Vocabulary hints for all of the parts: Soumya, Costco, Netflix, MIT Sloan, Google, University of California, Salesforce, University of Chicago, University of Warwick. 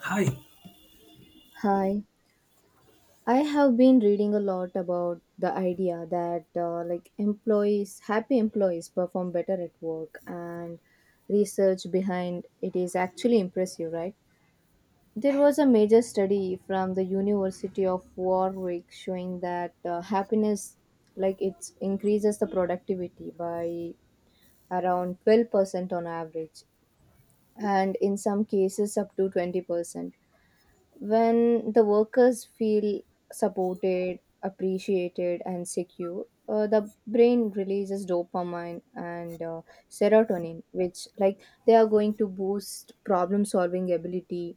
Hi. Hi. I have been reading a lot about the idea that like employees, happy employees perform better at work, and research behind it is actually impressive, right? There was a major study from the University of Warwick showing that happiness, like it increases the productivity by around 12% on average and in some cases up to 20%. When the workers feel supported, appreciated, and secure, the brain releases dopamine and serotonin, which like they are going to boost problem solving ability,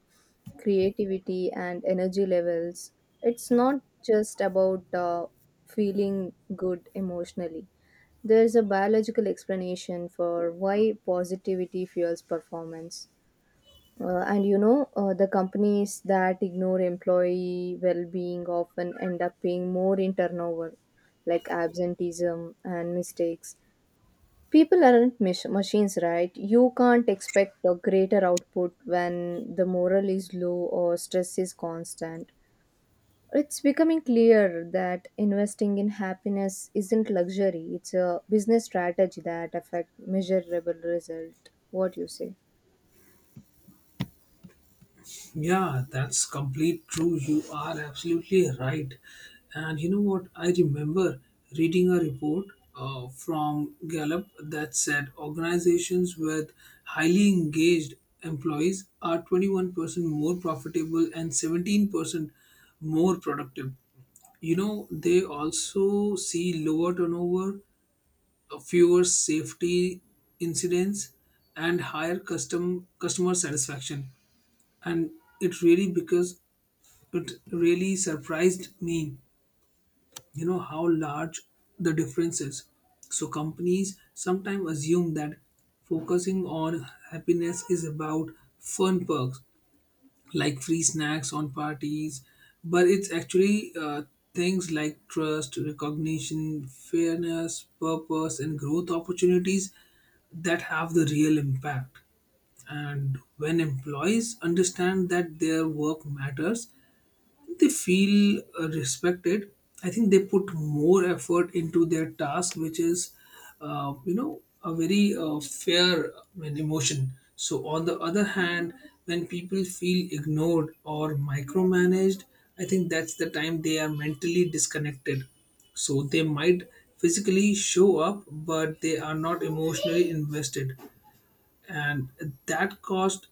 creativity, and energy levels. It's not just about feeling good emotionally. There is a biological explanation for why positivity fuels performance. The companies that ignore employee well being often end up paying more in turnover, like absenteeism and mistakes. People aren't machines, right? You can't expect a greater output when the morale is low or stress is constant. It's becoming clear that investing in happiness isn't luxury, it's a business strategy that affects measurable result. What do you say? Yeah, that's complete true. You are absolutely right. And you know what? I remember reading a report from Gallup that said organizations with highly engaged employees are 21% more profitable and 17% more productive. You know, they also see lower turnover, fewer safety incidents, and higher customer satisfaction. And it really because It really surprised me, you know, how large the difference is. So companies sometimes assume that focusing on happiness is about fun perks like free snacks on parties, but it's actually things like trust, recognition, fairness, purpose, and growth opportunities that have the real impact. And when employees understand that their work matters, they feel respected. I think they put more effort into their task, which is you know, a very fair, I mean, emotion. So on the other hand, when people feel ignored or micromanaged, I think that's the time they are mentally disconnected. So they might physically show up but they are not emotionally invested, and that cost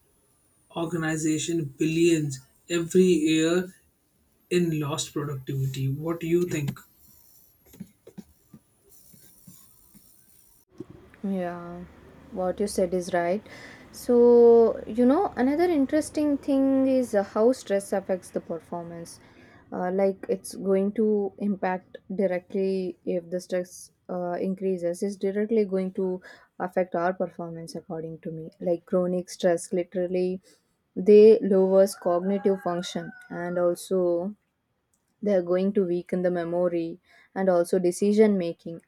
organization billions every year in lost productivity. What do you think? Yeah, what you said is right. So, you know, another interesting thing is how stress affects the performance. Like it's going to impact directly if the stress increases, it's directly going to affect our performance, according to me. Like chronic stress, literally, they lowers cognitive function, and also they're going to weaken the memory and also decision making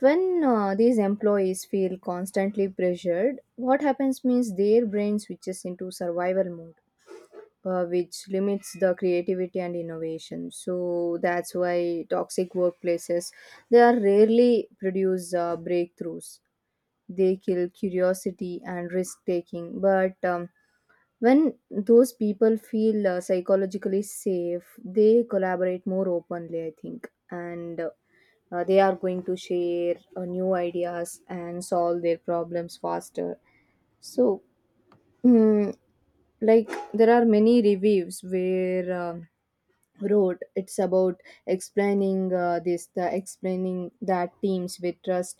when these employees feel constantly pressured, what happens means their brain switches into survival mode, which limits the creativity and innovation. So that's why toxic workplaces they are rarely produce breakthroughs. They kill curiosity and risk taking, but when those people feel psychologically safe, they collaborate more openly, I think, and they are going to share new ideas and solve their problems faster. So, mm, like, there are many reviews where wrote it's about explaining this the explaining that teams with trust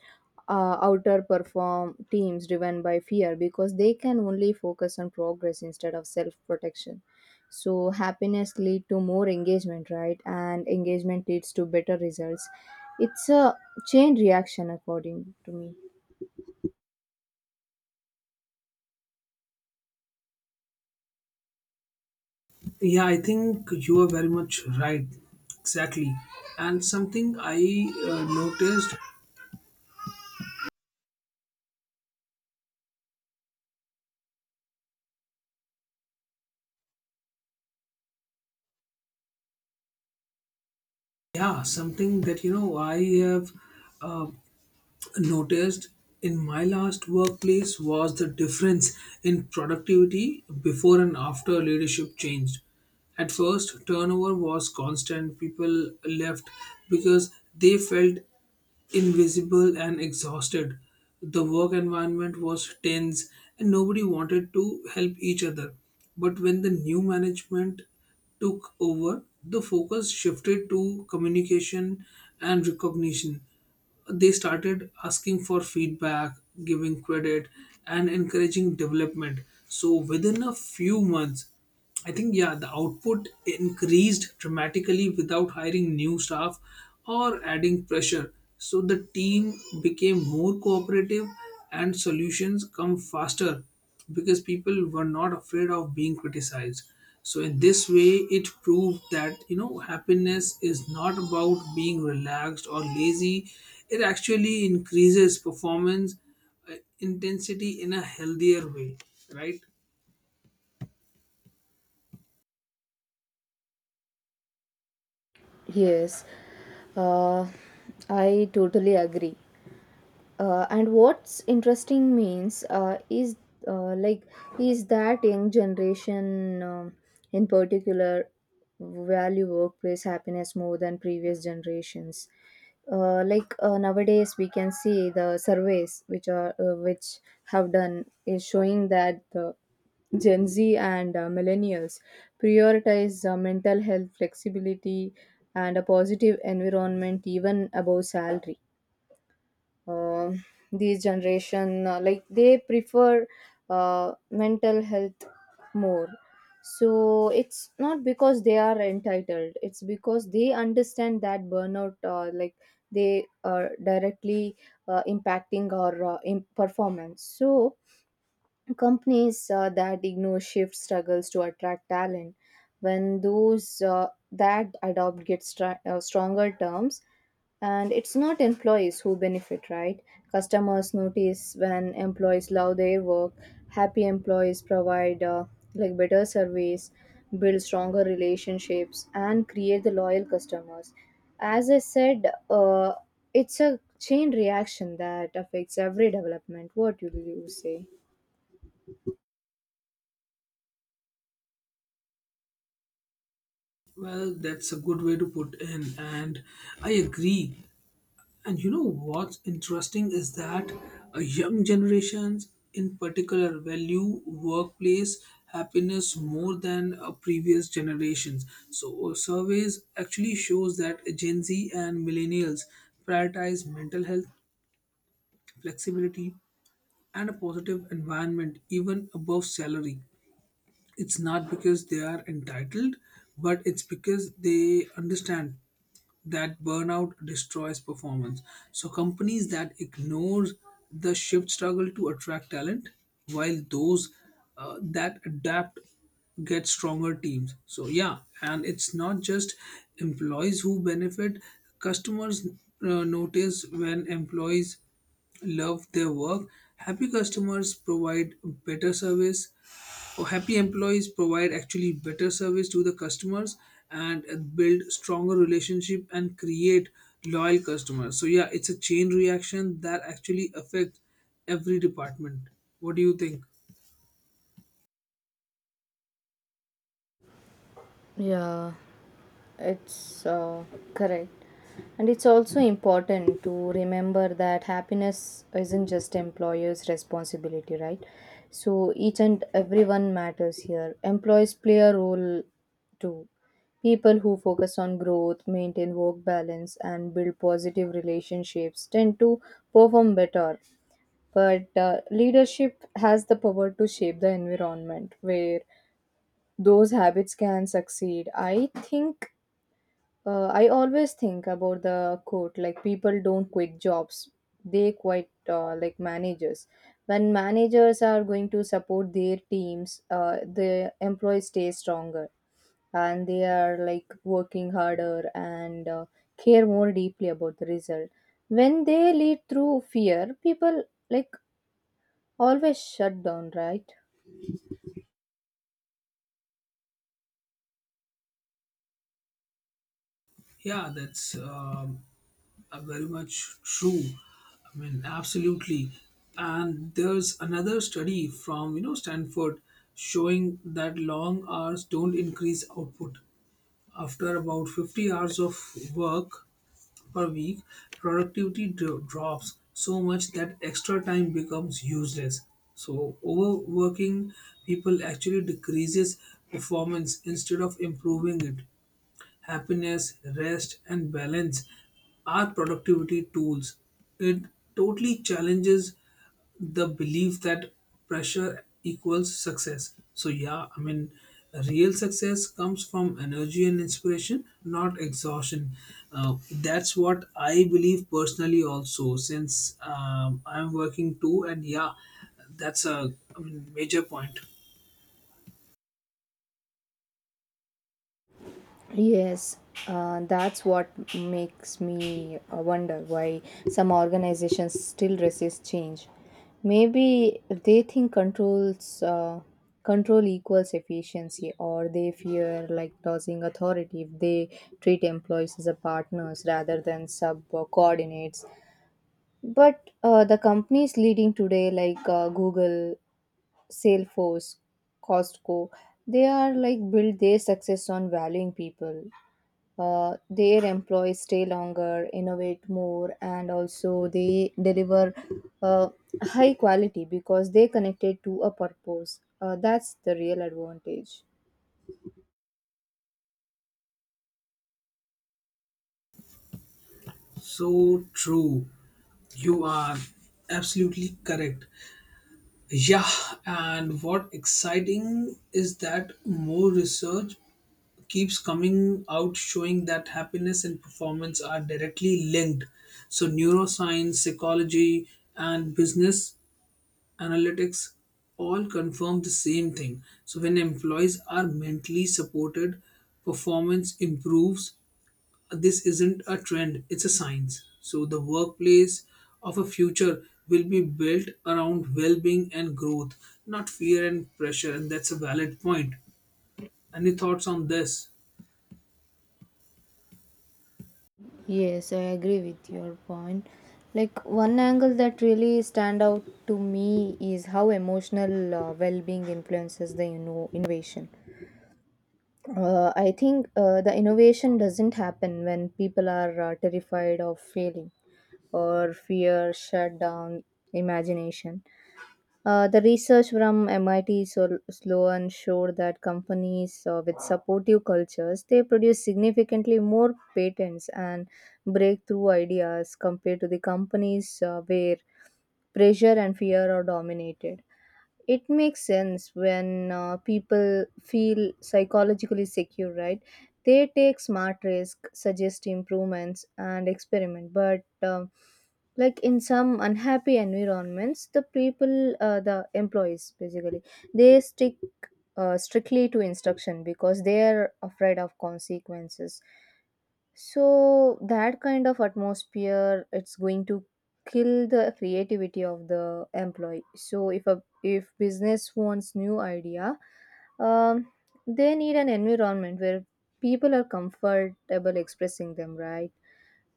outer perform teams driven by fear because they can only focus on progress instead of self protection. So happiness lead to more engagement, right, and engagement leads to better results. It's a chain reaction according to me. Yeah, I think you are very much right. Exactly. And something I noticed, yeah, something that, you know, I have uh, noticed in my last workplace was the difference in productivity before and after leadership changed. At first, turnover was constant. People left because they felt invisible and exhausted. The work environment was tense and nobody wanted to help each other. But when the new management took over, the focus shifted to communication and recognition. They started asking for feedback, giving credit, and encouraging development. So, within a few months, I think, yeah, the output increased dramatically without hiring new staff or adding pressure. So the team became more cooperative and solutions come faster because people were not afraid of being criticized. So in this way it proved that, you know, happiness is not about being relaxed or lazy. It actually increases performance intensity in a healthier way, right? Yes, uh, I totally agree. Uh, and what's interesting means is like is that young generation, in particular, value workplace happiness more than previous generations. Nowadays we can see the surveys which are which have done is showing that the gen z and millennials prioritize mental health, flexibility, and a positive environment even above salary. um, these generation, like they prefer mental health more. So it's not because they are entitled, it's because they understand that burnout, like they are directly impacting our in performance. So companies that ignore shift struggles to attract talent when those that adopt get stronger terms. And it's not employees who benefit, right? Customers notice when employees love their work. Happy employees provide like better service, build stronger relationships, and create the loyal customers. As I said, it's a chain reaction that affects every development. What do you say? Well, that's a good way to put in, and I agree. And you know what's interesting is that young generations, in particular, value workplace happiness more than previous generations. So surveys actually shows that Gen Z and millennials prioritize mental health, flexibility, and a positive environment even above salary. It's not because they are entitled, but it's because they understand that burnout destroys performance. So companies that ignore the shift struggle to attract talent, while those that adapt get stronger teams. So yeah, and it's not just employees who benefit. Customers notice when employees love their work. Happy customers provide better service, or happy employees provide actually better service to the customers and build stronger relationship and create loyal customers. So yeah, it's a chain reaction that actually affects every department. What do you think? Yeah, it's correct. And it's also important to remember that happiness isn't just employers' responsibility, right? So each and everyone matters here. Employees play a role too. People who focus on growth, maintain work balance, and build positive relationships tend to perform better. But leadership has the power to shape the environment where those habits can succeed. I think I always think about the quote like people don't quit jobs; they quit, like, managers. When managers are going to support their teams, the employees stay stronger and they are like working harder and care more deeply about the result. When they lead through fear, people like always shut down, right? Yeah, that's very much true. I mean, absolutely. And there's another study from, you know, Stanford showing that long hours don't increase output. After about 50 hours of work per week, productivity drops so much that extra time becomes useless. So overworking people actually decreases performance instead of improving it. Happiness, rest, and balance are productivity tools. It totally challenges the belief that pressure equals success. So, yeah, I mean, real success comes from energy and inspiration, not exhaustion. That's what I believe personally, also, since I'm working too, and yeah, that's a, I mean, major point. Yes, that's what makes me wonder why some organizations still resist change. Maybe they think control equals efficiency, or they fear like losing authority if they treat employees as a partners rather than sub coordinates. But the companies leading today, like Google, Salesforce, Costco, they are like build their success on valuing people. Their employees stay longer, innovate more, and also they deliver uh, high quality because they connected to a purpose. That's the real advantage. So true. You are absolutely correct. Yeah, and what exciting is that more research keeps coming out showing that happiness and performance are directly linked. So, neuroscience, psychology, and business analytics all confirm the same thing. So, when employees are mentally supported, performance improves. This isn't a trend, it's a science. So the workplace of a future will be built around well-being and growth, not fear and pressure. And that's a valid point. Any thoughts on this? Yes, I agree with your point. Like one angle that really stand out to me is how emotional well-being influences the innovation. I think the innovation doesn't happen when people are terrified of failing, or fear shut down imagination. The research from MIT Sloan showed that companies, with supportive cultures, they produce significantly more patents and breakthrough ideas compared to the companies where pressure and fear are dominated. It makes sense when people feel psychologically secure, right? They take smart risk, suggest improvements, and experiment. But like in some unhappy environments, the employees basically they stick strictly to instruction because they are afraid of consequences. So that kind of atmosphere, it's going to kill the creativity of the employee. So if a if business wants new idea, um, they need an environment where people are comfortable expressing them. Right?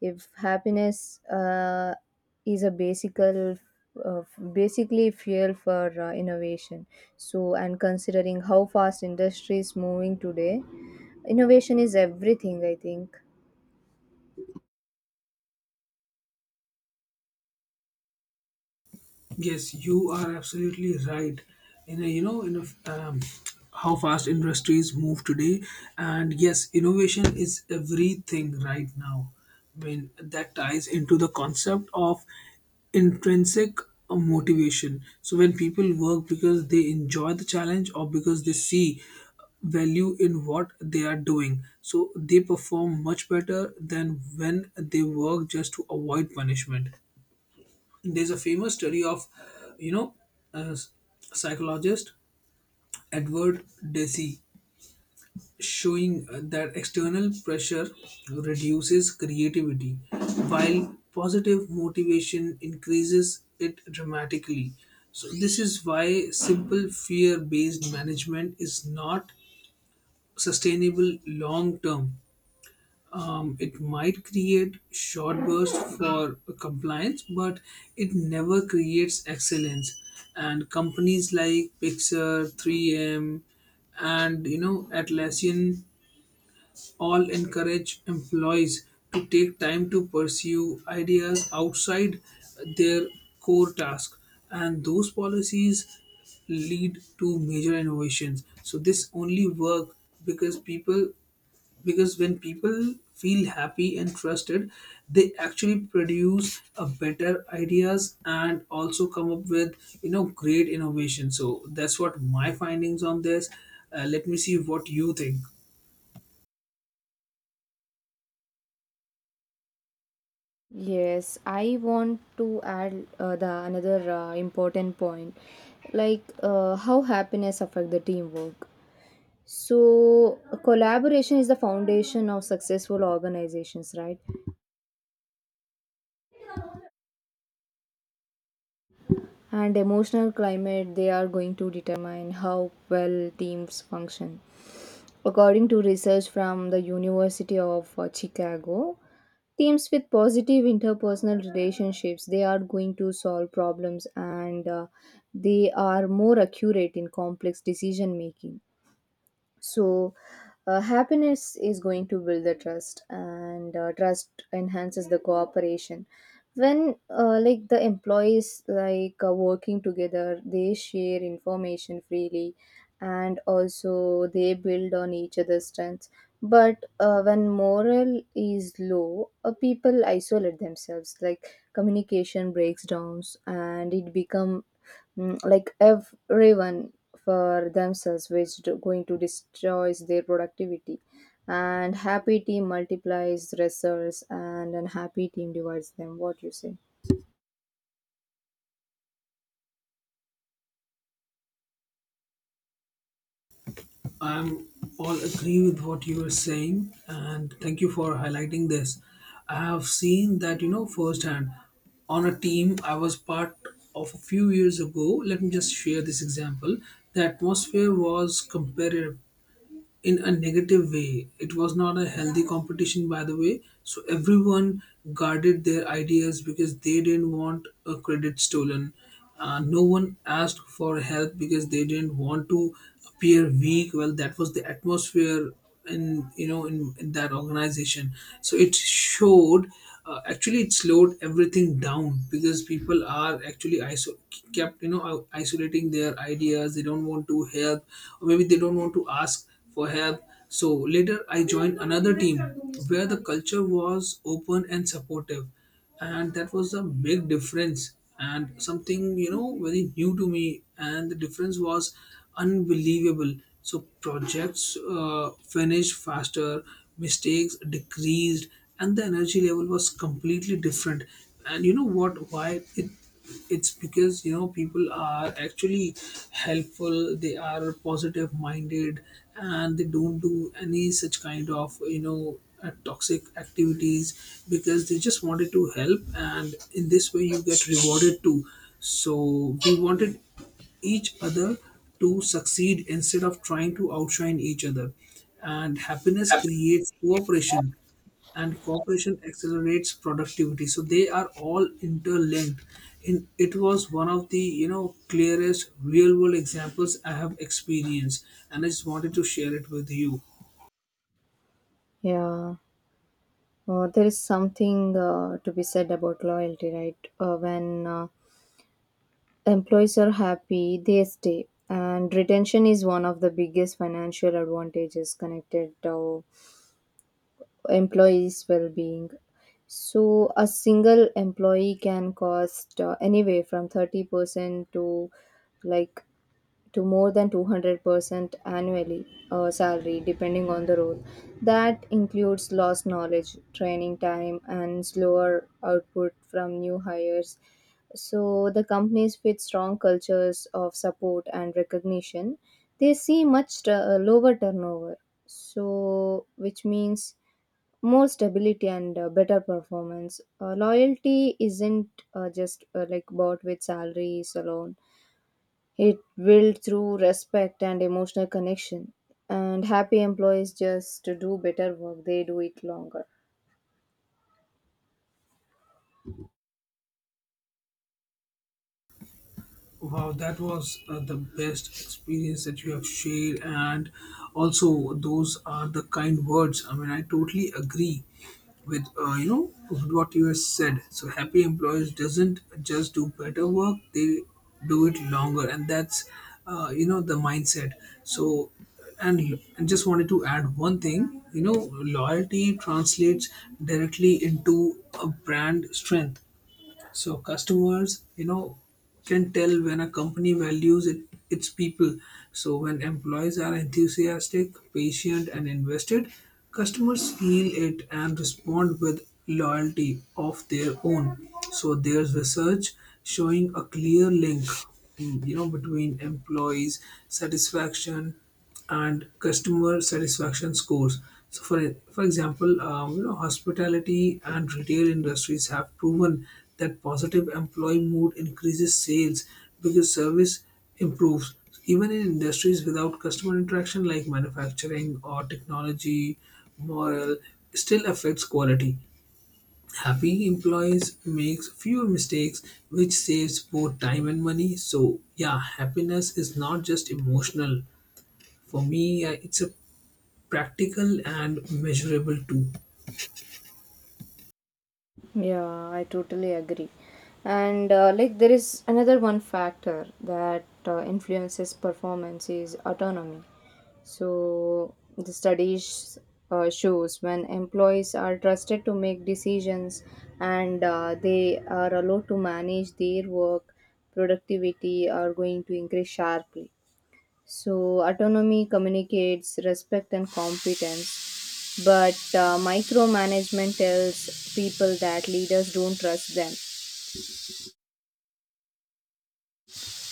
If happiness is a basical uh, basically fuel for innovation. So, and considering how fast industry is moving today, innovation is everything, I think. Yes, you are absolutely right. In a, you know, in a, How fast industries move today, and yes, innovation is everything right now. I mean, that ties into the concept of intrinsic motivation. So when people work because they enjoy the challenge or because they see value in what they are doing, so they perform much better than when they work just to avoid punishment. There's a famous study of, you know, uh, psychologist Edward Deci showing that external pressure reduces creativity while positive motivation increases it dramatically. So this is why simple fear based management is not sustainable long term. It might create short bursts for compliance, but it never creates excellence. And companies like Pixar, 3M, and, you know, Atlassian all encourage employees to take time to pursue ideas outside their core task, and those policies lead to major innovations. So this only work because people because when people feel happy and trusted, they actually produce a better ideas and also come up with, you know, great innovation. So that's what my findings on this. Let me see what you think. Yes, I want to add the another important point, like how happiness affect the teamwork. So collaboration is the foundation of successful organizations, right? And emotional climate they are going to determine how well teams function. According to research from the University of Chicago, teams with positive interpersonal relationships they are going to solve problems, and they are more accurate in complex decision making. So happiness is going to build the trust, and trust enhances the cooperation. When like the employees like working together, they share information freely and also they build on each other's strengths. But when morale is low, people isolate themselves, like communication breaks down, and it become, like, everyone for themselves, which going to destroys their productivity. And happy team multiplies results and unhappy team divides them. What you say? I'm all agree with what you are saying, and thank you for highlighting this. I have seen that, you know, firsthand on a team I was part of a few years ago. Let me just share this example. The atmosphere was competitive, in a negative way. It was not a healthy competition, by the way. So everyone guarded their ideas because they didn't want a credit stolen. No one asked for help because they didn't want to appear weak. Well, that was the atmosphere in you know in that organization. So it showed. Actually, it slowed everything down because people are actually kept, you know, isolating their ideas. They don't want to help, or maybe they don't want to ask for help. So later I joined another team where the culture was open and supportive. And that was a big difference, and something, you know, very new to me. And the difference was unbelievable. So projects finished faster, mistakes decreased, and the energy level was completely different. And you know what? Why it it's because, you know, people are actually helpful, they are positive minded, and they don't do any such kind of, you know, toxic activities because they just wanted to help, and in this way you get rewarded too. So we wanted each other to succeed instead of trying to outshine each other. And happiness creates cooperation, and cooperation accelerates productivity, so they are all interlinked in. It was one of the, you know, clearest real world examples I have experienced, and I just wanted to share it with you. Yeah, there is something to be said about loyalty, right? When employees are happy they stay, and retention is one of the biggest financial advantages connected to employees' well-being. So, a single employee can cost anywhere from 30% to like to more than 200% annually salary depending on the role. That includes lost knowledge, training time, and slower output from new hires. So, the companies with strong cultures of support and recognition, they see much lower turnover. So, which means more stability and better performance. Loyalty isn't just like bought with salaries alone. It built through respect and emotional connection. And happy employees just do better work. They do it longer. Wow, that was the best experience that you have shared, and also those are the kind words. I mean, I totally agree with, you know, with what you have said. So happy employees doesn't just do better work; they do it longer, and that's you know, the mindset. So, and just wanted to add one thing. You know, loyalty translates directly into a brand strength. So customers, you know, can tell when a company values it, its people. So when employees are enthusiastic, patient, and invested, customers feel it and respond with loyalty of their own. So there's research showing a clear link, you know, between employees' satisfaction and customer satisfaction scores. So, for example, you know, hospitality and retail industries have proven that positive employee mood increases sales because service improves. Even in industries without customer interaction, like manufacturing or technology, morale still affects quality. Happy employees makes fewer mistakes, which saves both time and money. So yeah, happiness is not just emotional. For me, it's a practical and measurable too. Yeah, I totally agree. And like there is another one factor that influences performance is autonomy. So the studies shows when employees are trusted to make decisions and they are allowed to manage their work, productivity are going to increase sharply. So autonomy communicates respect and competence, but micromanagement tells people that leaders don't trust them,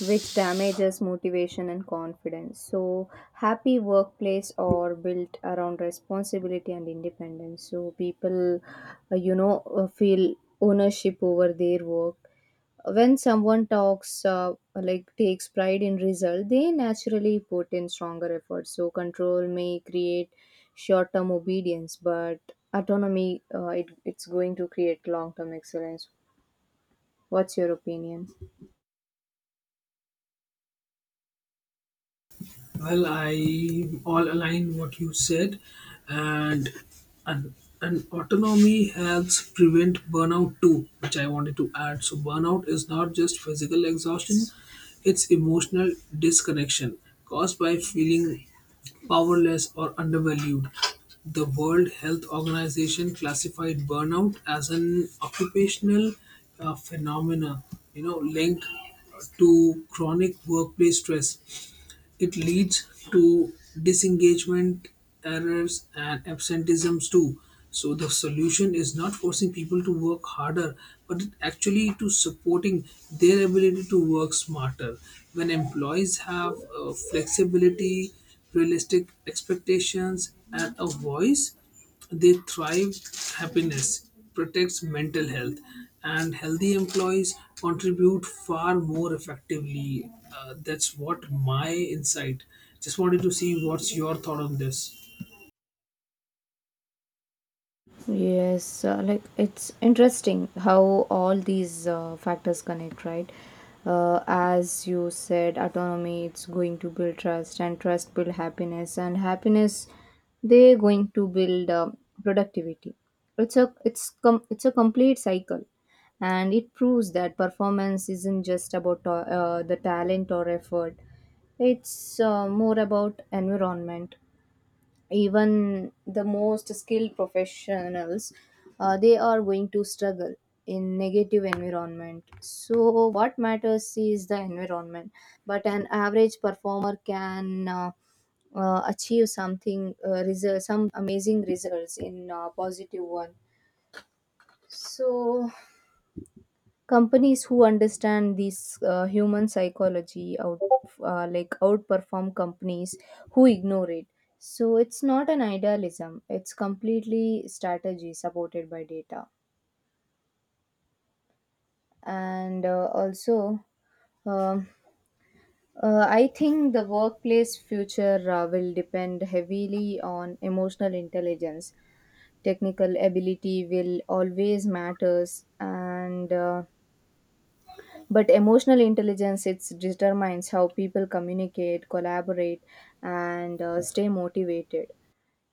which damages motivation and confidence. So, happy workplace are built around responsibility and independence. So, people, feel ownership over their work. When someone talks like takes pride in result, they naturally put in stronger effort. So control may create short term obedience, but autonomy, it's going to create long term excellence. What's your opinion? Well, I all align what you said, and and autonomy helps prevent burnout too, which I wanted to add. So burnout is not just physical exhaustion; it's emotional disconnection caused by feeling powerless or undervalued. The World Health Organization classified burnout as an occupational phenomena, you know, linked to chronic workplace stress. It leads to disengagement, errors, and absenteeisms too. So the solution is not forcing people to work harder, but it actually to supporting their ability to work smarter. When employees have flexibility, realistic expectations, and a voice, they thrive. Happiness, protects mental health, and healthy employees contribute far more effectively. That's what my insight. Just wanted to see what's your thought on this. Yes, like it's interesting how all these factors connect, right? As you said, autonomy it's going to build trust, and trust build happiness, and happiness they're going to build, productivity. It's a complete cycle, and it proves that performance isn't just about the talent or effort. It's more about environment. Even the most skilled professionals they are going to struggle in negative environment, so what matters is the environment. But an average performer can achieve something, some amazing results in positive one. So companies who understand this human psychology outperform companies who ignore it. So it's not an idealism; it's completely strategy supported by data. And also, um, I think the workplace future will depend heavily on emotional intelligence. Technical ability will always matters, and but emotional intelligence it determines how people communicate collaborate and stay motivated.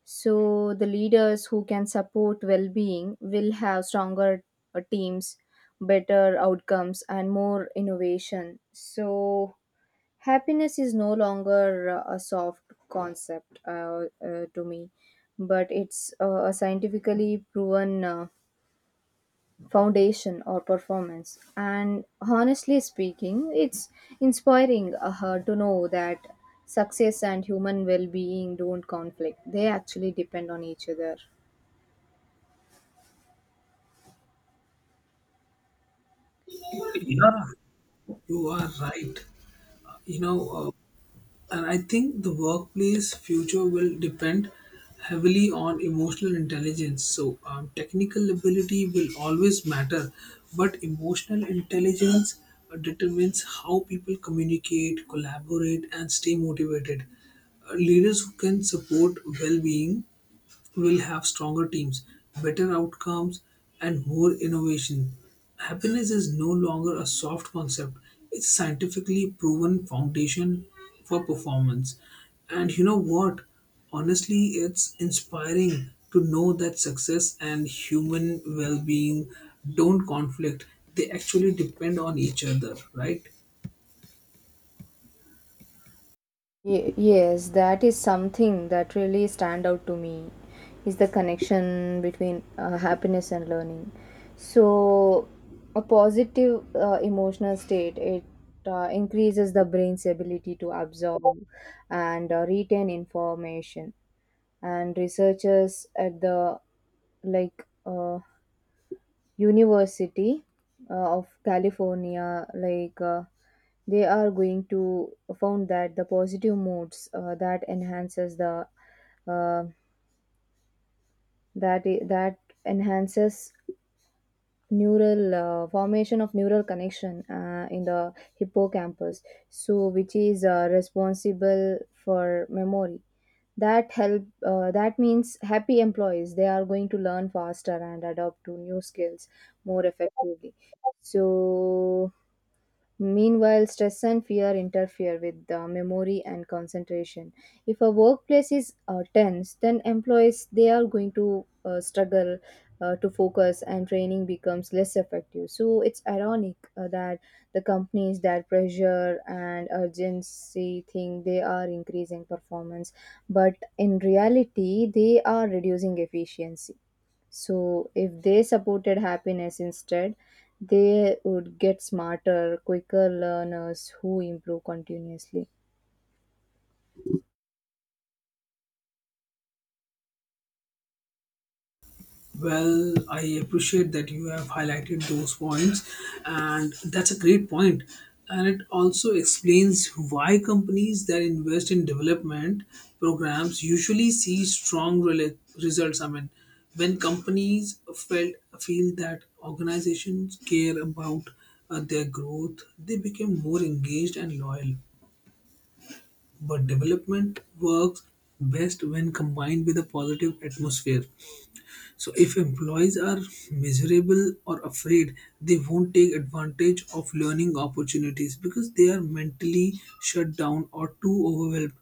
So the leaders who can support well-being will have stronger teams, better outcomes, and more innovation. So happiness is no longer a soft concept to me, but it's a scientifically proven foundation or performance. And honestly speaking, it's inspiring her to know that success and human well-being don't conflict, they actually depend on each other. Yeah, you are right. You know, and I think the workplace future will depend heavily on emotional intelligence. So, technical ability will always matter, but emotional intelligence determines how people communicate, collaborate, and stay motivated. Leaders who can support well being will have stronger teams, better outcomes, and more innovation. Happiness is no longer a soft concept, it's scientifically proven foundation for performance. And you know what? Honestly, it's inspiring to know that success and human well being don't conflict, they actually depend on each other, right? Yes, that is something that really stand out to me is the connection between happiness and learning. So a positive emotional state it increases the brain's ability to absorb and retain information. And researchers at the like uh, University of California, they are going to found that the positive moods that enhances the uh, that I- that enhances neural formation of neural connection in the hippocampus, so which is responsible for memory, that help that means happy employees they are going to learn faster and adapt to new skills more effectively. So meanwhile, stress and fear interfere with the memory and concentration. If a workplace is tense, then employees they are going to struggle to focus, and training becomes less effective. So it's ironic that the companies that pressure and urgency think they are increasing performance, but in reality they are reducing efficiency. So, if they supported happiness instead, they would get smarter, quicker learners who improve continuously. Well, I appreciate that you have highlighted those points, and that's a great point. And it also explains why companies that invest in development programs usually see strong results. I mean, when companies felt feel that organizations care about their growth, they become more engaged and loyal. But development works best when combined with a positive atmosphere, so if employees are miserable or afraid, they won't take advantage of learning opportunities because they are mentally shut down or too overwhelmed.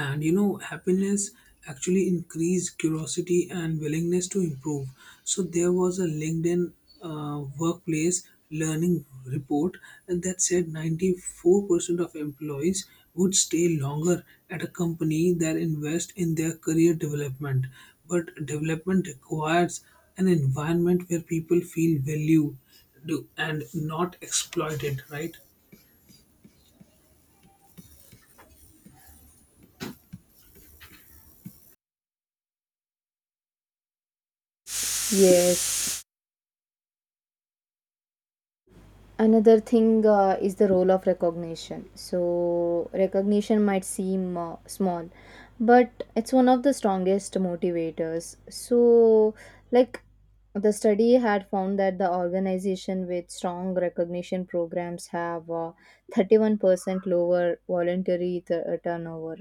And happiness actually increased curiosity and willingness to improve. So there was a linkedin workplace learning report, and that said 94% of employees would stay longer at a company that invest in their career development. But development requires an environment where people feel valued, and not exploited, right? Yes. Another thing is the role of recognition. So, recognition might seem small, but it's one of the strongest motivators. So, like the study had found that the organization with strong recognition programs have 31% lower voluntary turnover.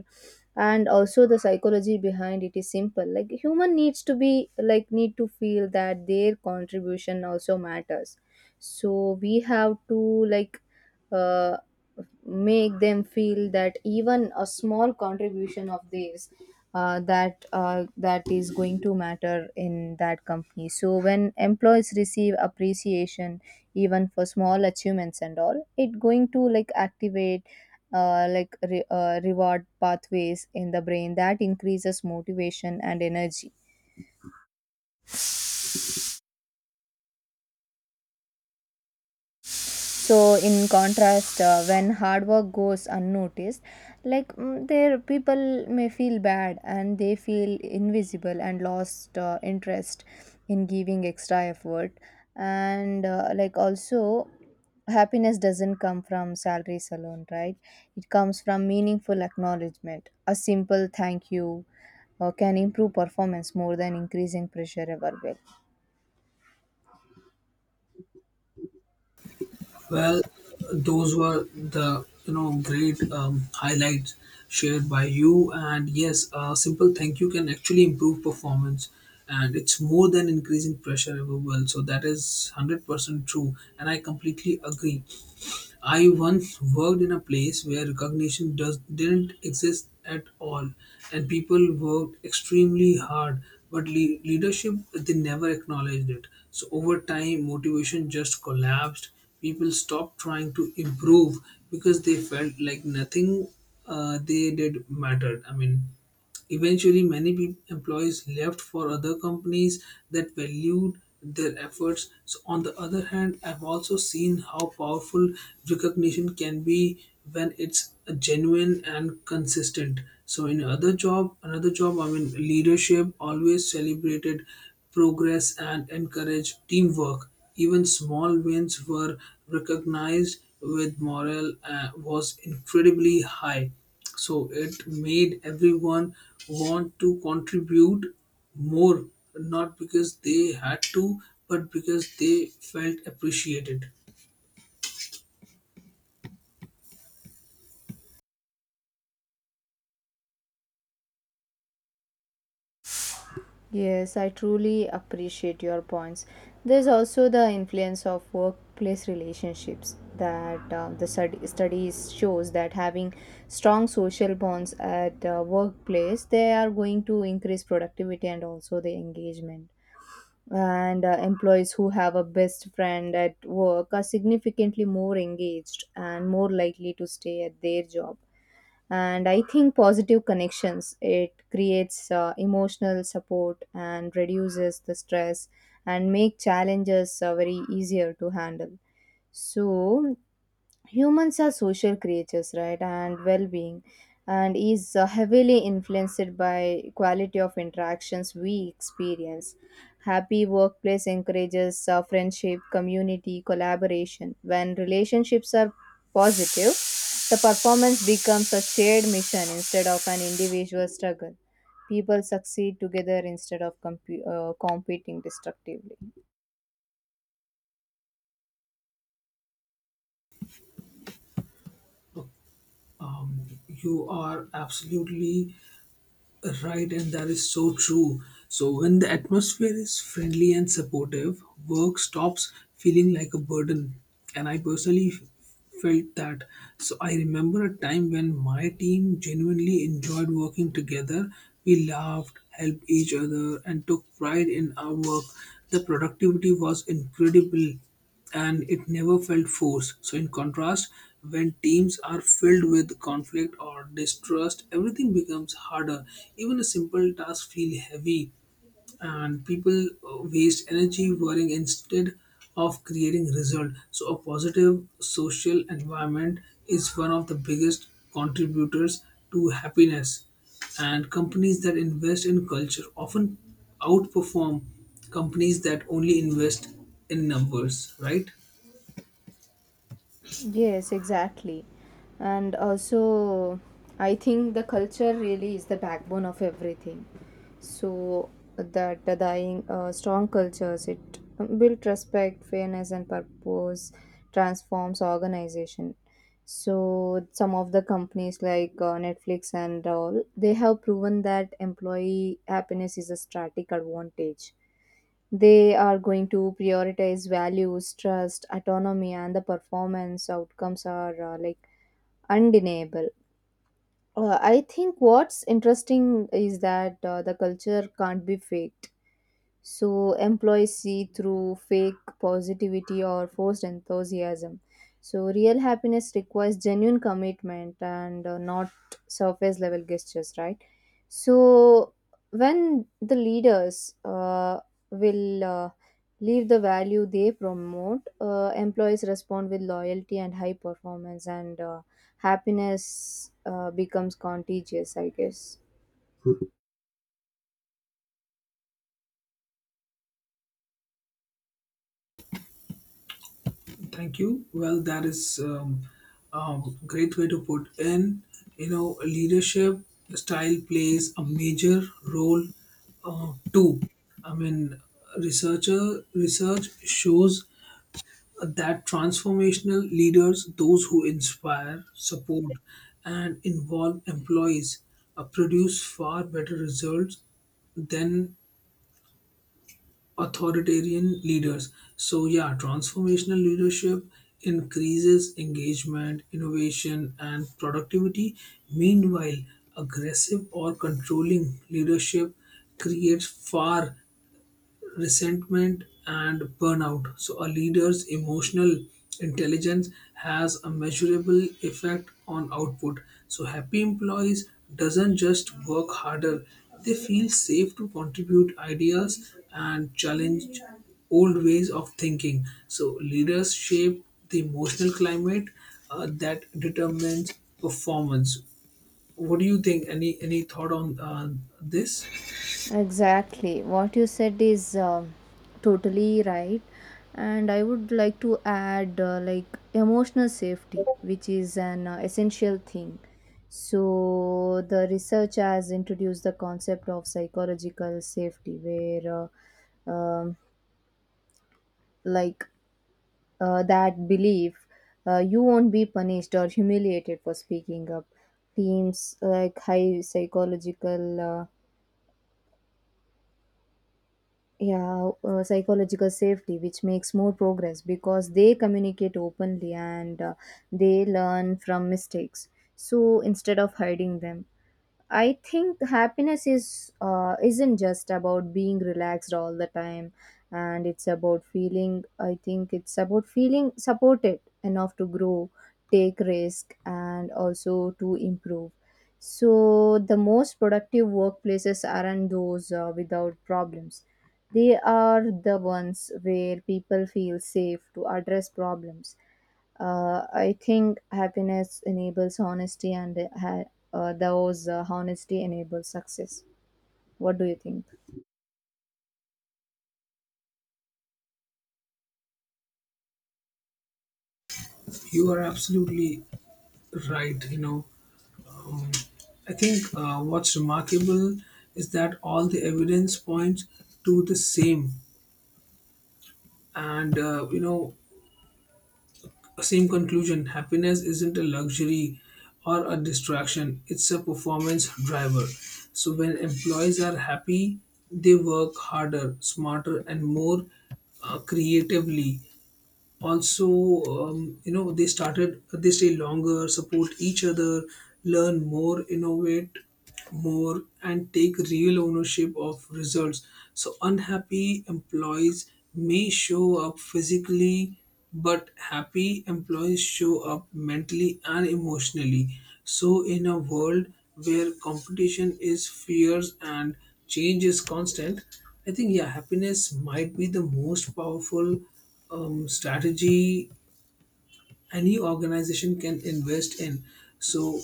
And also the psychology behind it is simple, like human needs to be like need to feel that their contribution also matters. So we have to like uh, make them feel that even a small contribution of theirs that is going to matter in that company. So when employees receive appreciation, even for small achievements and all, it going to like activate reward pathways in the brain that increases motivation and energy. So in contrast when hard work goes unnoticed, their people may feel bad and they feel invisible and lost interest in giving extra effort. And like also happiness doesn't come from salaries alone, right? It comes from meaningful acknowledgement. A simple thank you can improve performance more than increasing pressure ever will. Well, those were the great highlights shared by you, and yes, a simple thank you can actually improve performance, and it's more than increasing pressure ever will. So that is 100% true, and I completely agree. I once worked in a place where didn't exist at all, and people worked extremely hard, but leadership they never acknowledged it. So over time, motivation just collapsed. People stopped trying to improve because they felt like nothing they did mattered. I mean, eventually, many employees left for other companies that valued their efforts. So, on the other hand, I've also seen how powerful recognition can be when it's genuine and consistent. So, in another job, I mean, leadership always celebrated progress and encouraged teamwork. Even small wins were recognized with morale was incredibly high. So it made everyone want to contribute more, not because they had to, but because they felt appreciated. Yes, I truly appreciate your points. There's also the influence of workplace relationships that the studies shows that having strong social bonds at workplace they are going to increase productivity and also the engagement. And employees who have a best friend at work are significantly more engaged and more likely to stay at their job. And I think positive connections it creates emotional support and reduces the stress and make challenges very easier to handle. So humans are social creatures, right? And well-being and is heavily influenced by quality of interactions we experience. Happy workplace encourages friendship community collaboration. When relationships are positive, the performance becomes a shared mission instead of an individual struggle. People succeed together instead of compu competing destructively. You are absolutely right, and that is so true. So, when the atmosphere is friendly and supportive, work stops feeling like a burden. And I personally felt that. So, I remember a time when my team genuinely enjoyed working together. We laughed, helped each other, and took pride in our work. The productivity was incredible, and it never felt forced. So, in contrast, when teams are filled with conflict or distrust, everything becomes harder. Even a simple task feels heavy, and people waste energy worrying instead of creating result. So a positive social environment is one of the biggest contributors to happiness, and companies that invest in culture often outperform companies that only invest in numbers, right? Yes, exactly. And also, I think the culture really is the backbone of everything. So that the dying strong cultures it builds respect, fairness, and purpose, transforms organization. So some of the companies like Netflix and all, they have proven that employee happiness is a strategic advantage. They are going to prioritize values, trust, autonomy, and the performance outcomes are like undeniable. I think what's interesting is that the culture can't be faked. So employees see through fake positivity or forced enthusiasm. So real happiness requires genuine commitment and not surface level gestures, right? So when the leaders will leave the value they promote, employees respond with loyalty and high performance, and happiness becomes contagious, I guess. Thank you. Well, that is a great way to put in. You know, leadership style plays a major role too. I mean, research shows that transformational leaders, those who inspire, support, and involve employees, produce far better results than authoritarian leaders. So, yeah, transformational leadership increases engagement, innovation, and productivity. Meanwhile, aggressive or controlling leadership creates far resentment and burnout. So, a leader's emotional intelligence has a measurable effect on output. So, happy employees doesn't just work harder; they feel safe to contribute ideas and challenge old ways of thinking. So, leaders shape the emotional climate that determines performance. What do you think? Any thought on this? Exactly. What you said is totally right. And I would like to add like emotional safety, which is an essential thing. So, the research has introduced the concept of psychological safety, where uh, um, like that belief you won't be punished or humiliated for speaking up. Teams like high psychological. Yeah Psychological safety which makes more progress because they communicate openly and they learn from mistakes, so instead of hiding them. I think happiness is isn't just about being relaxed all the time, and it's about feeling. I think it's about feeling supported enough to grow, take risk, and also to improve. So the most productive workplaces aren't those without problems. They are the ones where people feel safe to address problems. I think happiness enables honesty, and ha- those honesty enables success. What do you think? You are absolutely right. You know, I think what's remarkable is that all the evidence points to the same, and same conclusion. Happiness isn't a luxury or a distraction; it's a performance driver. So when employees are happy, they work harder, smarter, and more creatively. Also, they stay longer, support each other, learn more, innovate more, and take real ownership of results. So unhappy employees may show up physically, but happy employees show up mentally and emotionally. So in a world where competition is fierce and change is constant, I think, yeah, happiness might be the most powerful strategy any organization can invest in. So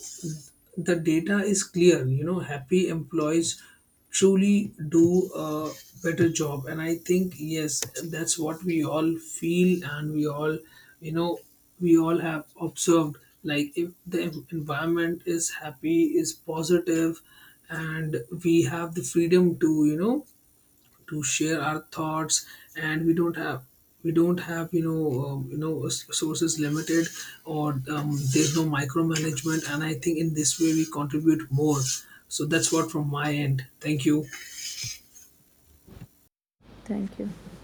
the data is clear. You know, happy employees truly do a better job, and I think, yes, that's what we all feel, and we all, you know we all have observed, like, if the environment is happy, is positive, and we have the freedom to, you know, to share our thoughts, and we don't have, sources limited, or there's no micromanagement. And I think in this way we contribute more. So that's what from my end. Thank you. Thank you.